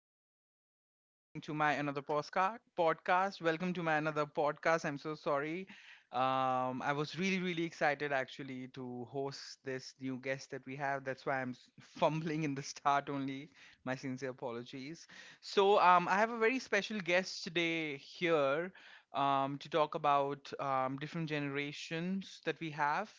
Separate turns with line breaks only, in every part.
much for listening to my another postcard podcast. Welcome to my another podcast. I'm so sorry. I was really, really excited actually to host this new guest that we have. That's why I'm fumbling in the start only. My sincere apologies. So I have a very special guest today here to talk about different generations that we have.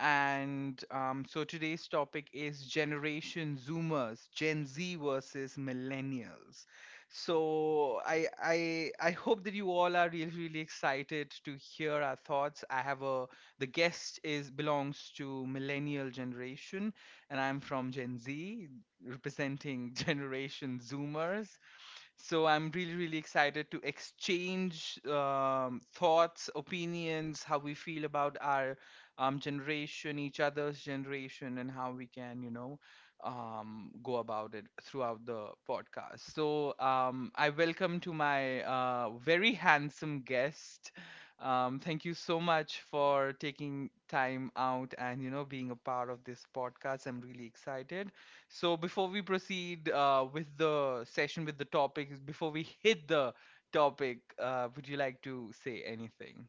And so today's topic is Generation Zoomers, Gen Z versus Millennials. So I hope that you all are really really excited to hear our thoughts. I have a the guest is belongs to Millennial generation, and I'm from Gen Z, representing Generation Zoomers. So I'm really, really excited to exchange thoughts, opinions, how we feel about our generation, each other's generation, and how we can, you know, go about it throughout the podcast. So I welcome to my very handsome guest. Thank you so much for taking time out and, you know, being a part of this podcast. I'm really excited. So before we proceed with the session with the topics, before we hit the topic, would you like to say anything?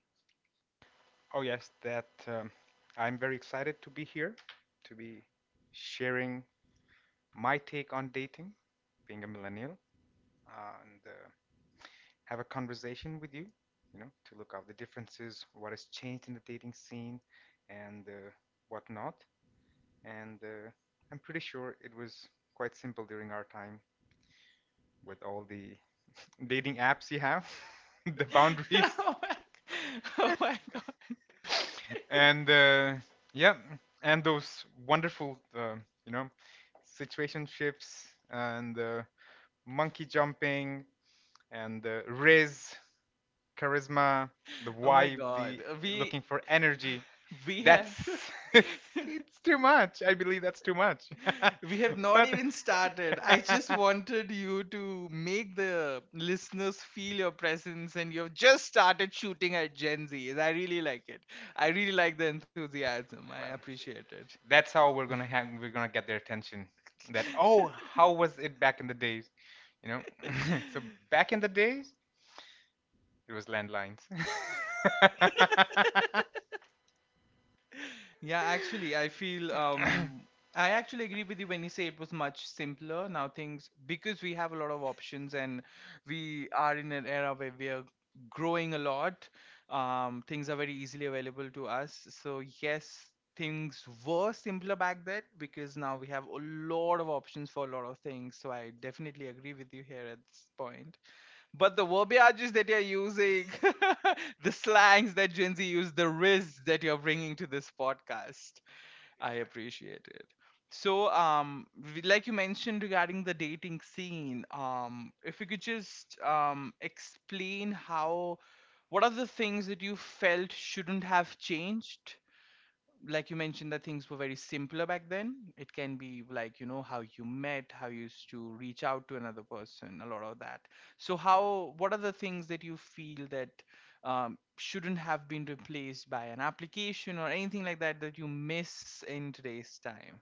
Oh my, oh my god! Oh my god! We we have we have not even started. I just wanted you to make the listeners feel your presence, and you've just started shooting at Gen Z. I really like it. I really like the enthusiasm. I appreciate it. Yeah, actually, I feel I actually agree with you when you say it was much simpler. Now things because we have a lot of options and we are in an era where we are growing a lot, things are very easily available to us. So yes, things were simpler back then because now we have a lot of options for a lot of things. So I definitely agree with you here at this point. But the verbiages that you're using, the slangs that Gen Z use, the riz that you're bringing to this podcast, I appreciate it. So, like you mentioned regarding the dating scene, if you could just explain how, what are the things that you felt shouldn't have changed, like you mentioned that things were very simpler back then. It can be like, you know, how you met, how you used to reach out to another person, a lot of that. So how, what are the things that you feel that shouldn't have been replaced by an application or anything like that that you miss in today's time?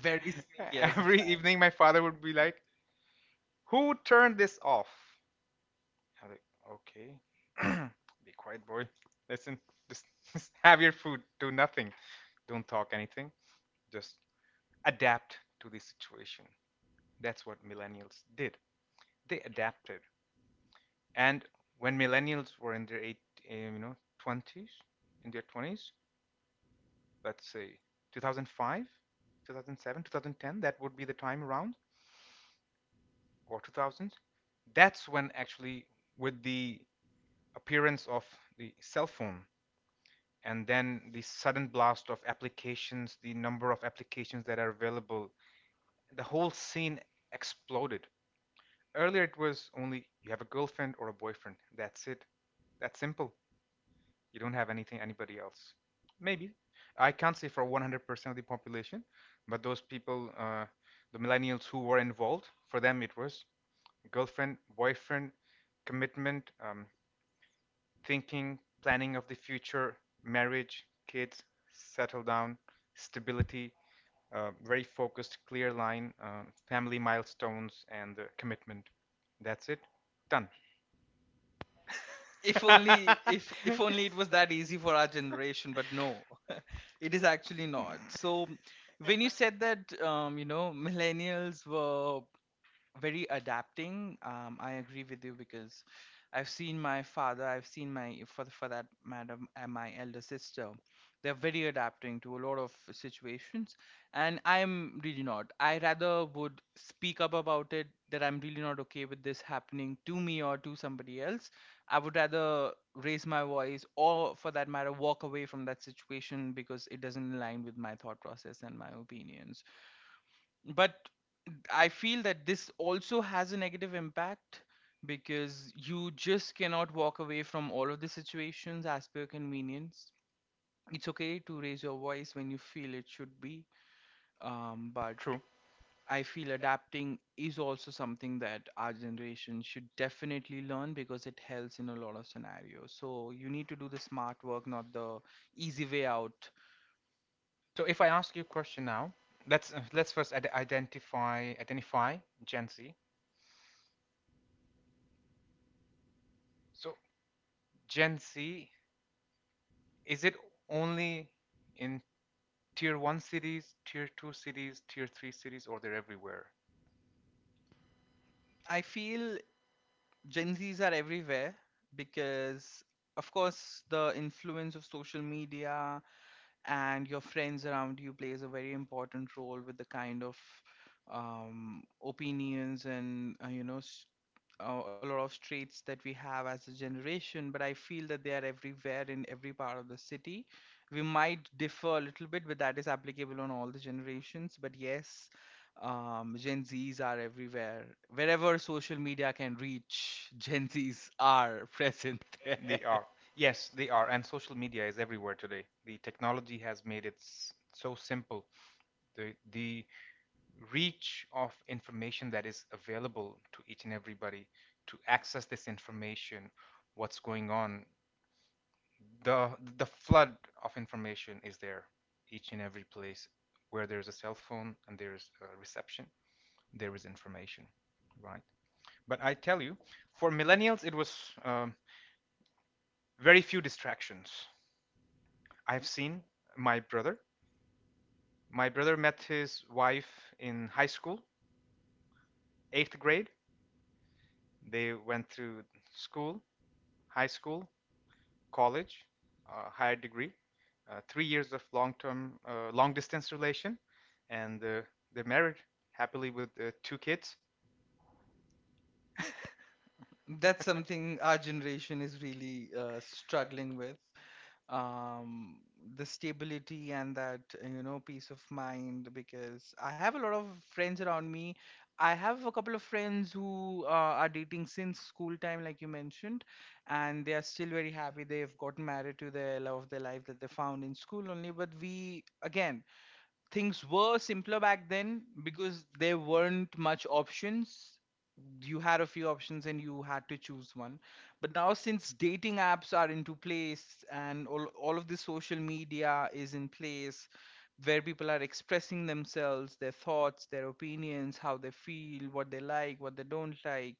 Very yes, if only, if only it was that easy for our generation, but no, it is actually not. So when you said that you know, millennials were very adapting. I agree with you because I've seen my father, I've seen my, for that matter, my elder sister. They're very adapting to a lot of situations, and I'm really not. I rather would speak up about it that I'm really not okay with this happening to me or to somebody else. I would rather raise my voice or, for that matter, walk away from that situation because it doesn't align with my thought process and my opinions. But I feel that this also has a negative impact because you just cannot walk away from all of the situations as per your convenience. It's okay to raise your voice when you feel it should be, but I feel adapting is also something that our generation should definitely learn because it helps in a lot of scenarios. So you need to do the smart work, not the easy way out. I feel Gen Zs are everywhere because, of course, the influence of social media and your friends around you plays a very important role with the kind of opinions and a lot of traits that we have as a generation, but I feel that they are everywhere in every part of the city. We might differ a little bit, but that is applicable on all the generations. But yes, Gen Zs are everywhere. Wherever social media can reach, Gen Zs are present there. That's something our generation is really struggling with. Um, the stability and that, you know, peace of mind. Because I have a lot of friends around me. I have a couple of friends who are dating since school time, like you mentioned, and they are still very happy. They've gotten married to their love of their life that they found in school only. But we, again, things were simpler back then because there weren't much options. You had a few options and you had to choose one, but now since dating apps are into place and all of this social media is in place, where people are expressing themselves, their thoughts, their opinions, how they feel, what they like, what they don't like.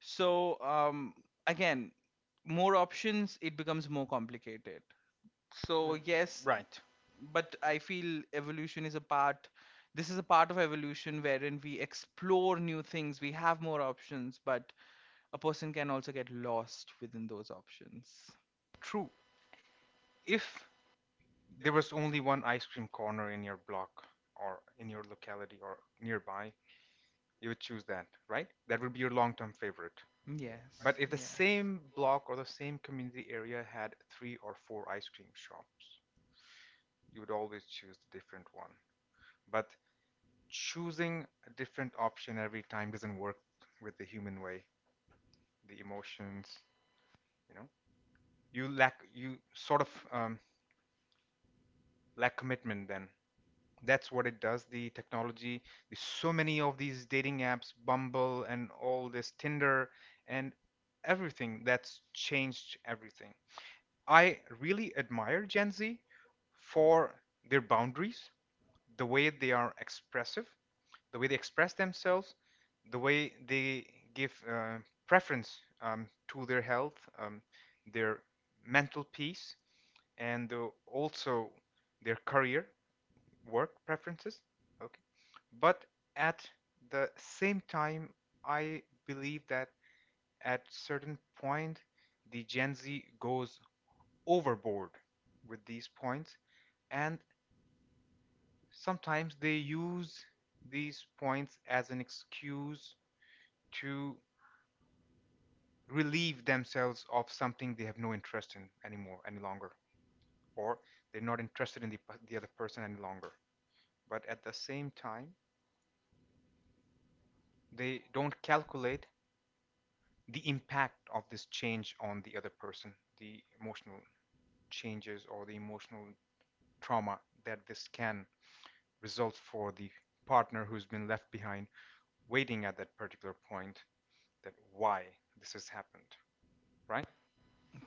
So again, more options, it becomes more complicated. So yes, but I feel evolution is a part. This is a part of evolution wherein we explore new things, we have more options, but a person can also get lost within those options. Yes, yes.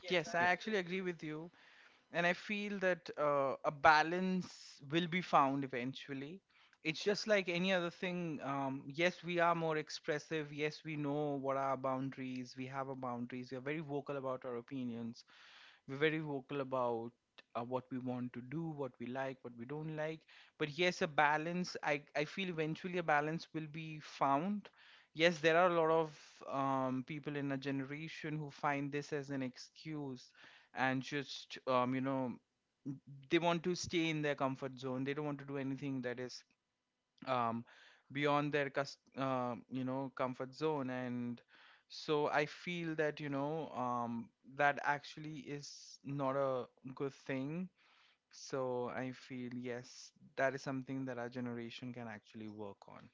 Yes, I actually agree with you. And I feel that a balance will be found eventually. It's just like any other thing. Yes, we are more expressive. Yes, we know what are our boundaries. We have our boundaries. We are very vocal about our opinions. We're very vocal about what we want to do, what we like, what we don't like. But yes, a balance, I feel eventually a balance will be found. Yes, there are a lot of people in a generation who find this as an excuse and just, you know, they want to stay in their comfort zone. They don't want to do anything that is um, beyond their you know, comfort zone. And so I feel that, you know, that actually is not a good thing. So I feel yes, that is something that our generation can actually work on.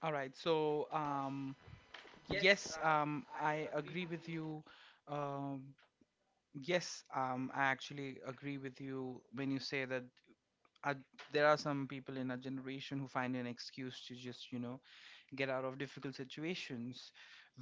All right, so yes, I agree with you. um, yes, I actually agree with you when you say that uh, there are some people in our generation who find an excuse to just, you know, get out of difficult situations,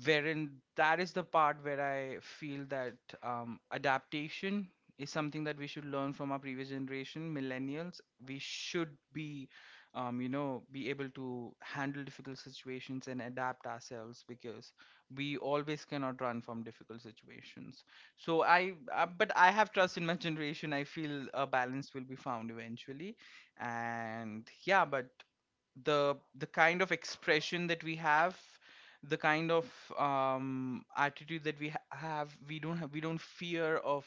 wherein that is the part where I feel that adaptation is something that we should learn from our previous generation millennials. We should be you know, be able to handle difficult situations and adapt ourselves because we always cannot run from difficult situations. So I, but I have trust in my generation. I feel a balance will be found eventually. And yeah, but the kind of expression that we have, the kind of attitude that we have, we don't have, we don't fear of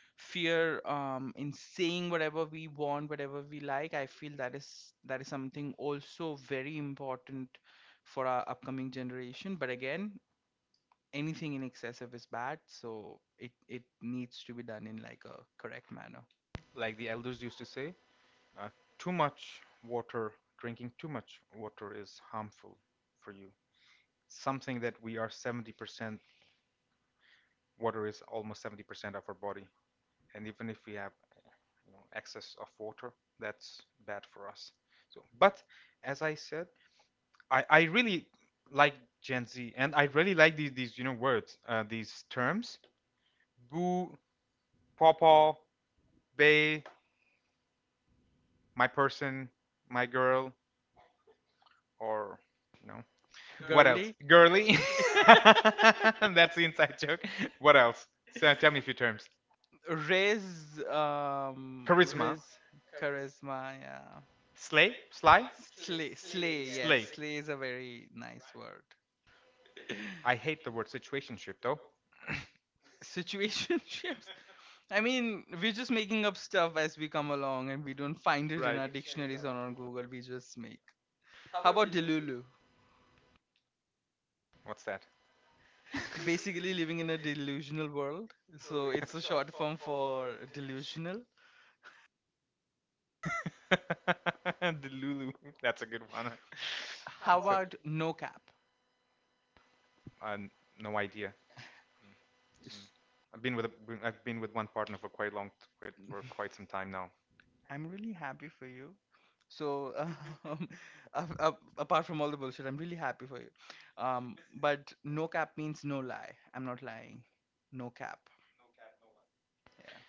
fear in saying whatever we want, whatever we like. I feel that is, that is something also very important for our upcoming generation. But again, anything in excessive is bad, so it needs to be done in like a correct manner. Girly. Ray's, Ray's charisma, yeah. Slay, slay, yes, slay is a very nice word. Situationships. I mean, we're just making up stuff as we come along, and we don't find it in our dictionaries or on Google. We just make. How about delulu? Basically, living in a delusional world. So it's a short form for delusional. How about no cap? S- I'm really happy for you. So, um, apart from all the bullshit, I'm really happy for you. But no cap means no lie. I'm not lying. No cap. Yeah.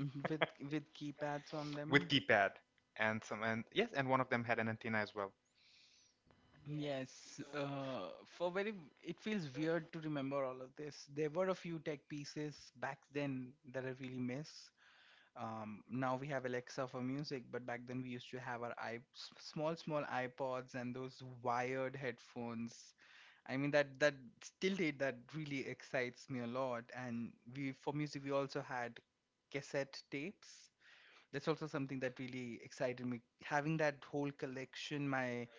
Mhm. With keypads on them. Yes, for very, it feels weird to remember all of this. There were a few tech pieces back then that I really miss, now we have Alexa for music, but back then we used to have our small small iPods and those wired headphones. I mean that that still did, that really excites me a lot. And we for music we also had cassette tapes. That's also something that really excited me. Having that whole collection, my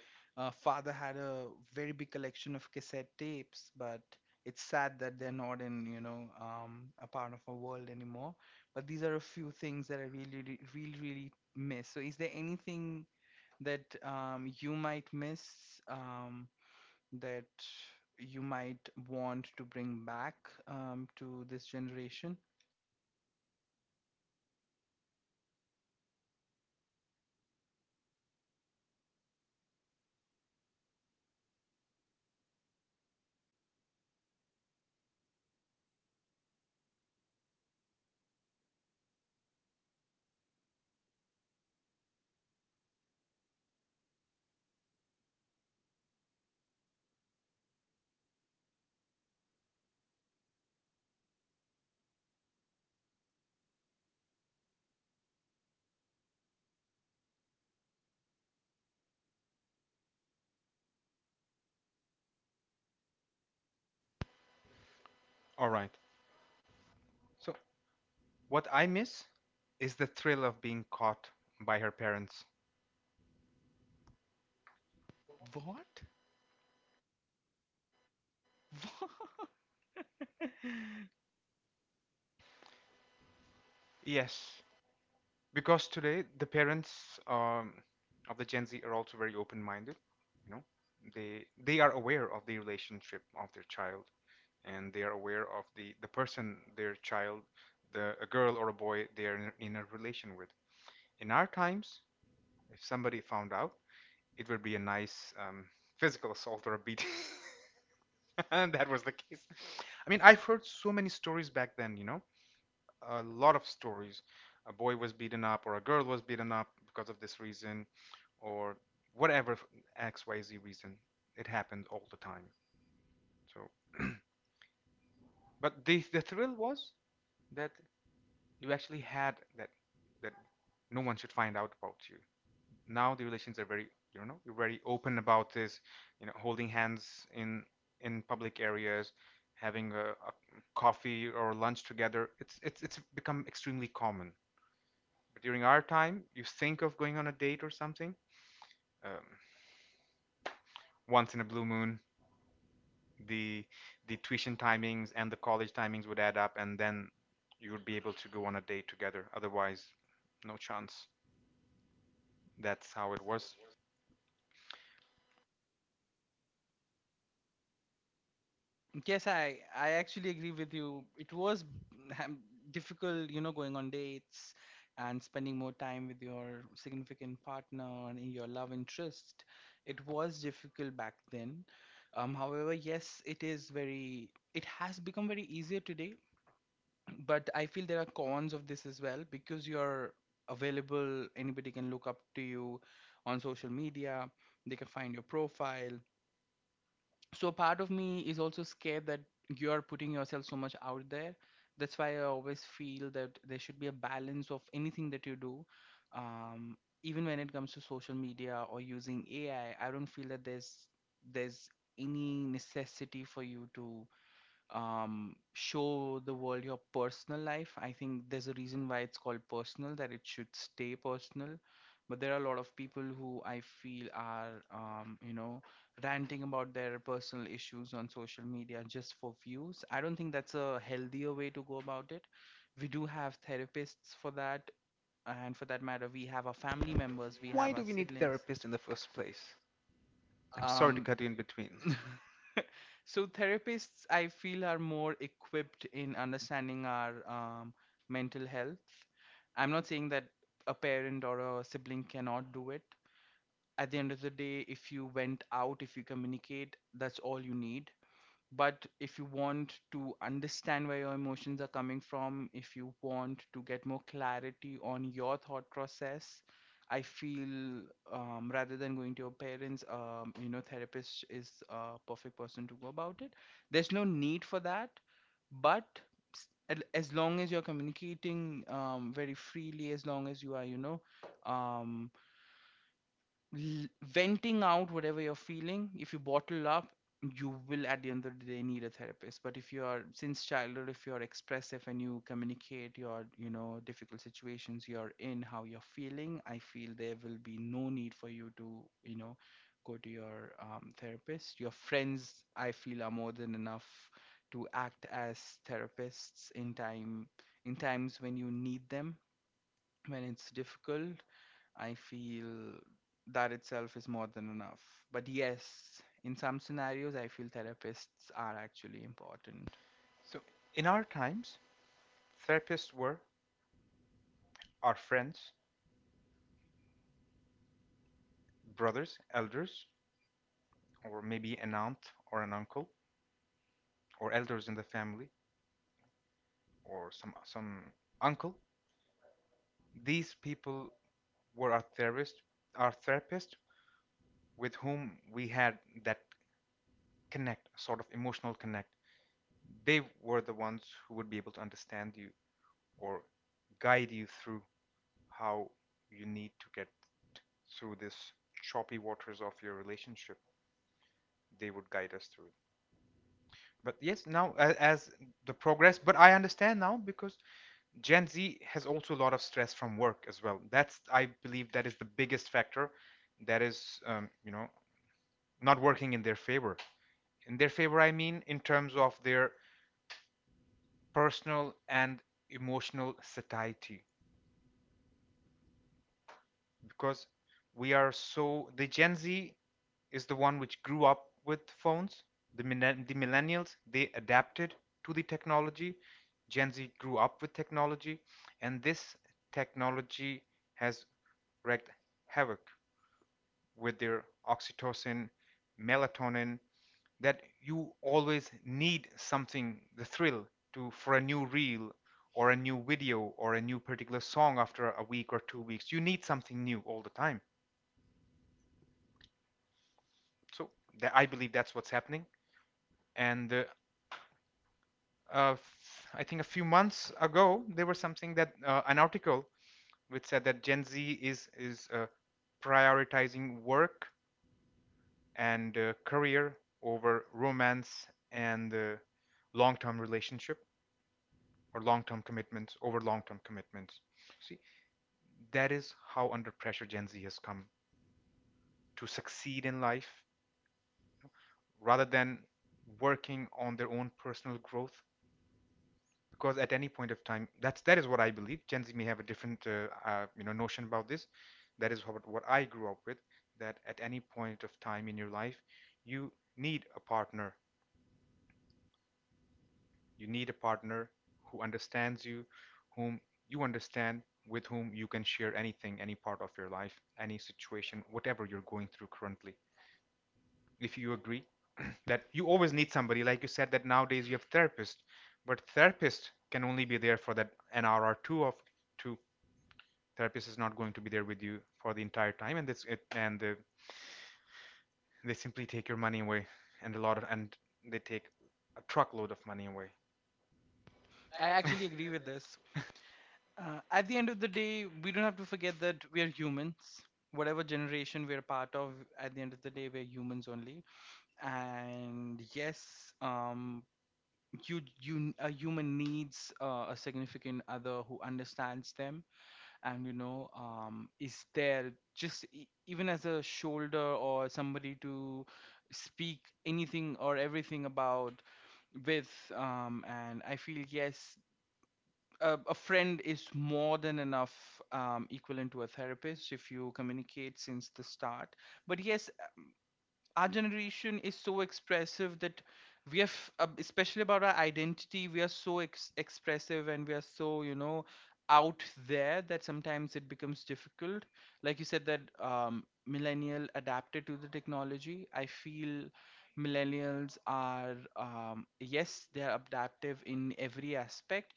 father had a very big collection of cassette tapes, but it's sad that they're not in, you know, a part of our world anymore. But these are a few things that I really, really, really miss. So, is there anything that you might miss um, that you might want to bring back to this generation?
All right. So, what I miss is the thrill of being caught by her parents.
What? What? Yes, I actually agree with you. It was ham- difficult, you know, going on dates and spending more time with your significant partner and in your love interest. It was difficult back then. However, yes, it is very. It has become very easier today, but I feel there are cons of this as well because you're available. Anybody can look up to you on social media. They can find your profile, so part of me is also scared that you are putting yourself so much out there. That's why I always feel that there should be a balance of anything that you do. um, Even when it comes to social media or using AI, I don't feel that there's any necessity for you to show the world your personal life. I think there's a reason why it's called personal, that it should stay personal. But there are a lot of people who I feel are, ranting about their personal issues on social media just for views. I don't think that's a healthier way to go about it. We do have therapists for that. And for that matter, we have our family members, we have our siblings. Um, So therapists, I feel, are more equipped in understanding our mental health. I'm not saying that a parent or a sibling cannot do it. At the end of the day, if you went out, if you communicate, that's all you need. But if you want to understand where your emotions are coming from, if you want to get more clarity on your thought process, I feel rather than going to your parents, therapist is a perfect person to go about it. There's no need for that, but as long as you're communicating very freely, as long as you are, um, venting out whatever you're feeling. If you bottle up, you will at the end of the day need a therapist. But if you are, since childhood, if you're expressive and you communicate your, difficult situations you're in, how you're feeling, I feel there will be no need for you to, go to your therapist. Your friends, I feel, are more than enough to act as therapists in time, in times when you need them, when it's difficult. I feel that itself is more than enough. But yes, in some scenarios, I feel therapists are actually important. I actually agree with this. At the end of the day, we don't have to forget that we are humans. Whatever generation we are part of, at the end of the day, we're humans only. And yes, you a human needs a significant other who understands them and, is there just, even as a shoulder or somebody to speak anything or everything about with. And I feel yes, a friend is more than enough, equivalent to a therapist if you communicate since the start. But yes, our generation is so expressive that we have, especially about our identity, we are so expressive and we are so, out there that sometimes it becomes difficult. Like you said that millennial adapted to the technology, I feel millennials are, yes, they are adaptive in every aspect.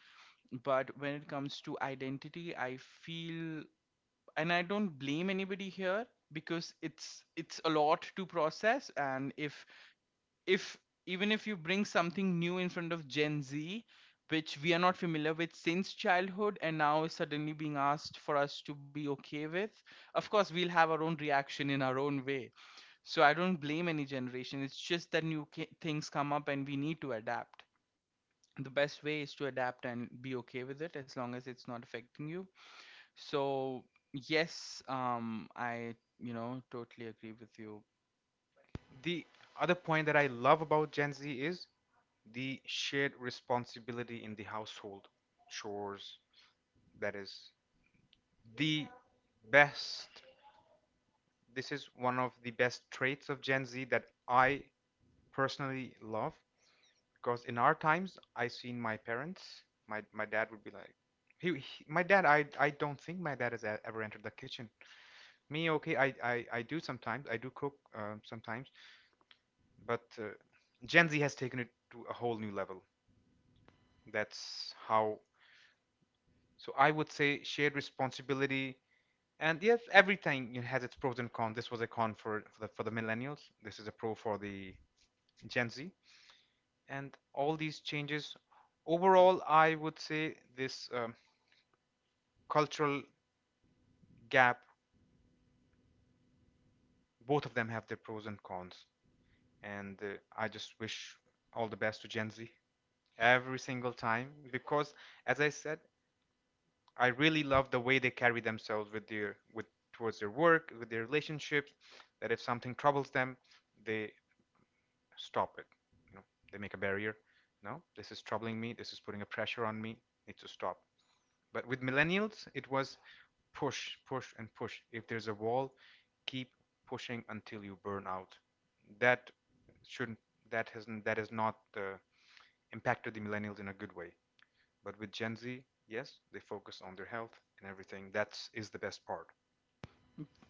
But when it comes to identity, I feel, and I don't blame anybody here because it's a lot to process. And if even if you bring something new in front of Gen Z, which we are not familiar with since childhood and now is suddenly being asked for us to be okay with, of course we'll have our own reaction in our own way. So I don't blame any generation. It's just that new things come up and we need to adapt. The best way is to adapt and be okay with it as long as it's not affecting you. So yes, I, totally agree with you.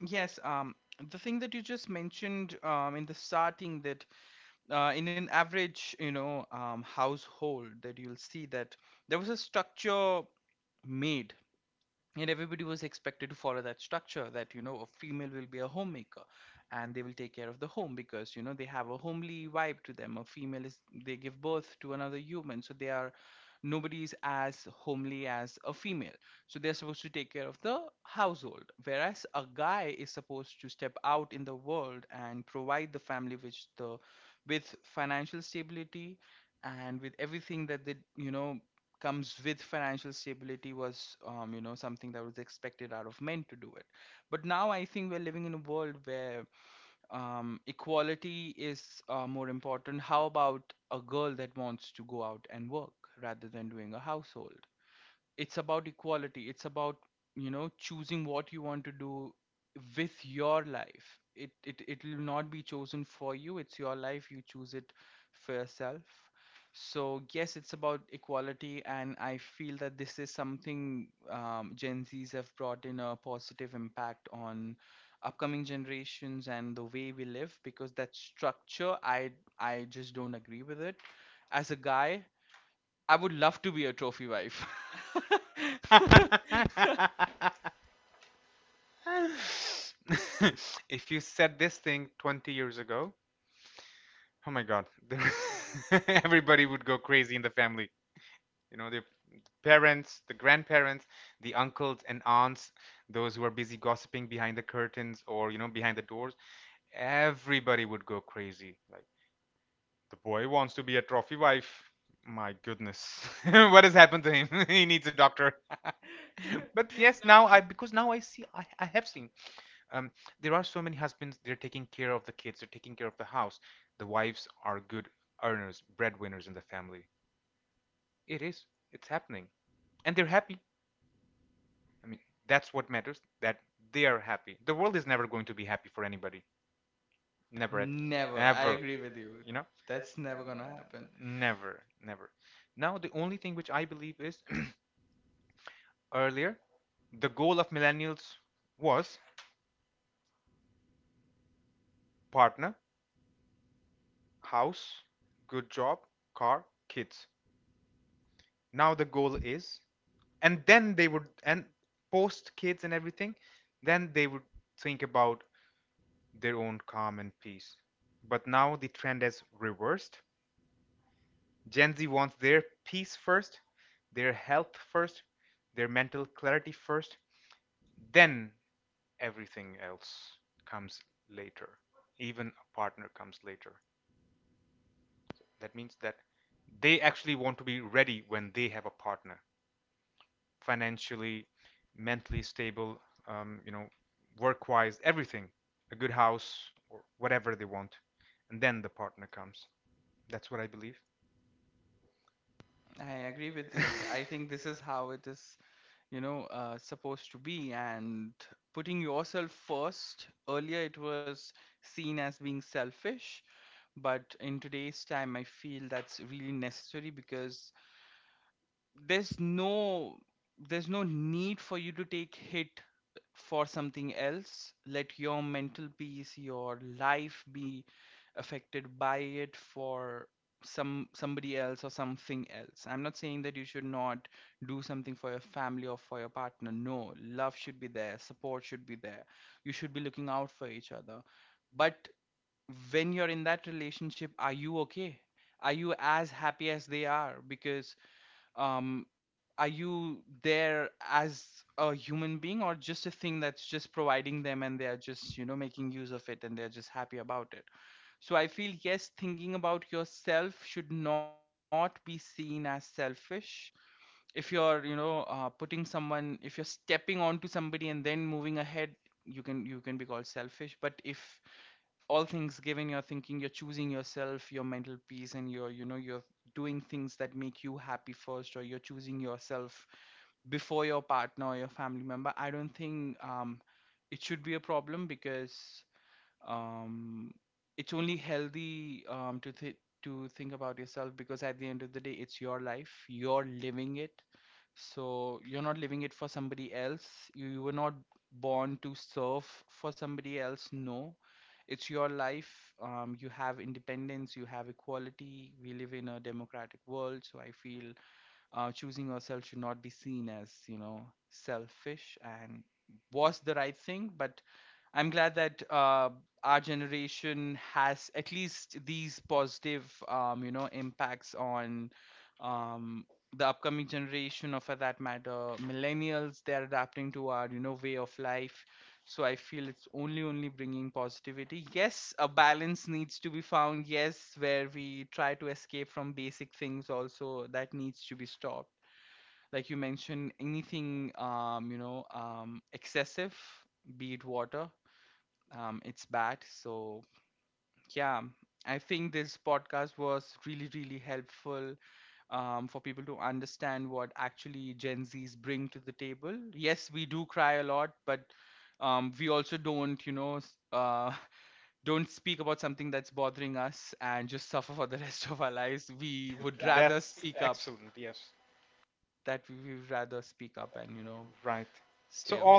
Yes, the thing that you just mentioned, in the starting, that in an average, household, that you'll see, that there was a structure made, and everybody was expected to follow that structure. That, you know, a female will be a homemaker and they will take care of the home because, you know, they have a homely vibe to them. A female is, they give birth to another human, so they are, nobody is as homely as a female. So they're supposed to take care of the household, whereas a guy is supposed to step out in the world and provide the family with the, with financial stability and with everything that they, you know, comes with financial stability, was, something that was expected out of men to do it. But now I think we're living in a world where, equality is, more important. How about a girl that wants to go out and work rather than doing a household? It's about equality. It's about, you know, choosing what you want to do with your life. It will not be chosen for you. It's your life, you choose it for yourself. So yes, it's about equality, and I feel that this is something Gen Z's have brought in a positive impact on upcoming generations and the way we live. Because that structure, I just don't agree with it. As a guy, I would love to be a trophy wife. Never. I agree with you. That's never gonna happen. I agree with you. I think this is how it is, you know, supposed to be. And putting yourself first, earlier it was seen as being selfish, but in today's time, I feel that's really necessary because there's no there's no need for you to take hit for something else, let your mental peace, your life be affected by it for somebody else or something else. I'm not saying that you should not do something for your family or for your partner. No, love should be there, support should be there, you should be looking out for each other. But when you're in that relationship, are you okay? Are you as happy as they are? Because um are you there as a human being, or just a thing that's just providing them and they are just, you know, making use of it and they're just happy about it? So I feel yes, thinking about yourself should not be seen as selfish. If you're, putting someone, if you're stepping onto somebody and then moving ahead, you can be called selfish. But if, all things given, you're thinking, you're choosing yourself, your mental peace, and you're, you know, you're doing things that make you happy first, or you're choosing yourself before your partner or your family member, I don't think, it should be a problem because, um, it's only healthy to think about yourself. Because at the end of the day, it's your life. You're living it, so you're not living it for somebody else. You were not born to serve for somebody else. No, it's your life. You have independence. You have equality. We live in a democratic world, so I feel choosing yourself should not be seen as, you know, selfish and was the right thing. But I'm glad that, our generation has at least these positive, impacts on, um, the upcoming generation, or for that matter millennials, they're adapting to our, you know, way of life. So I feel it's only bringing positivity. Yes, a balance needs to be found, yes, where we try to escape from basic things also, that needs to be stopped. Like you mentioned, anything excessive, be it water, it's bad. So yeah, I think this podcast was really, really helpful for people to understand what actually Gen Zs bring to the table. Yes, we do cry a lot, but we also don't, you know, don't speak about something that's bothering us and just suffer for the rest of our lives. We would rather speak up. That we would rather speak up and, you know, stay away.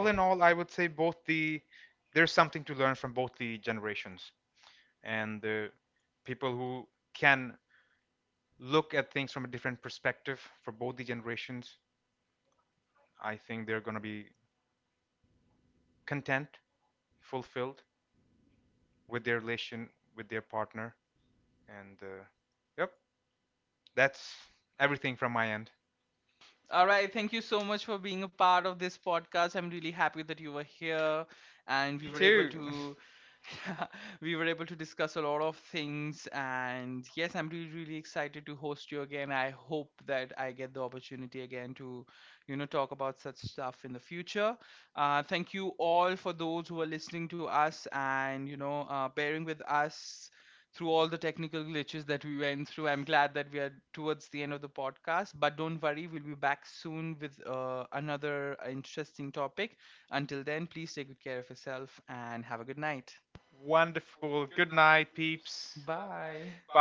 All right. Thank you so much for being a part of this podcast. I'm really happy that you were here and we Me were able too. To we were able to discuss a lot of things. And yes, I'm really, really excited to host you again. I hope that I get the opportunity again to, you know, talk about such stuff in the future. Thank you all for those who are listening to us and, you know, bearing with us through all the technical glitches that we went through. I'm glad that we are towards the end of the podcast, but don't worry, we'll be back soon with, another interesting topic. Until then, please take good care of yourself and have a good night. Wonderful. Good night. Bye.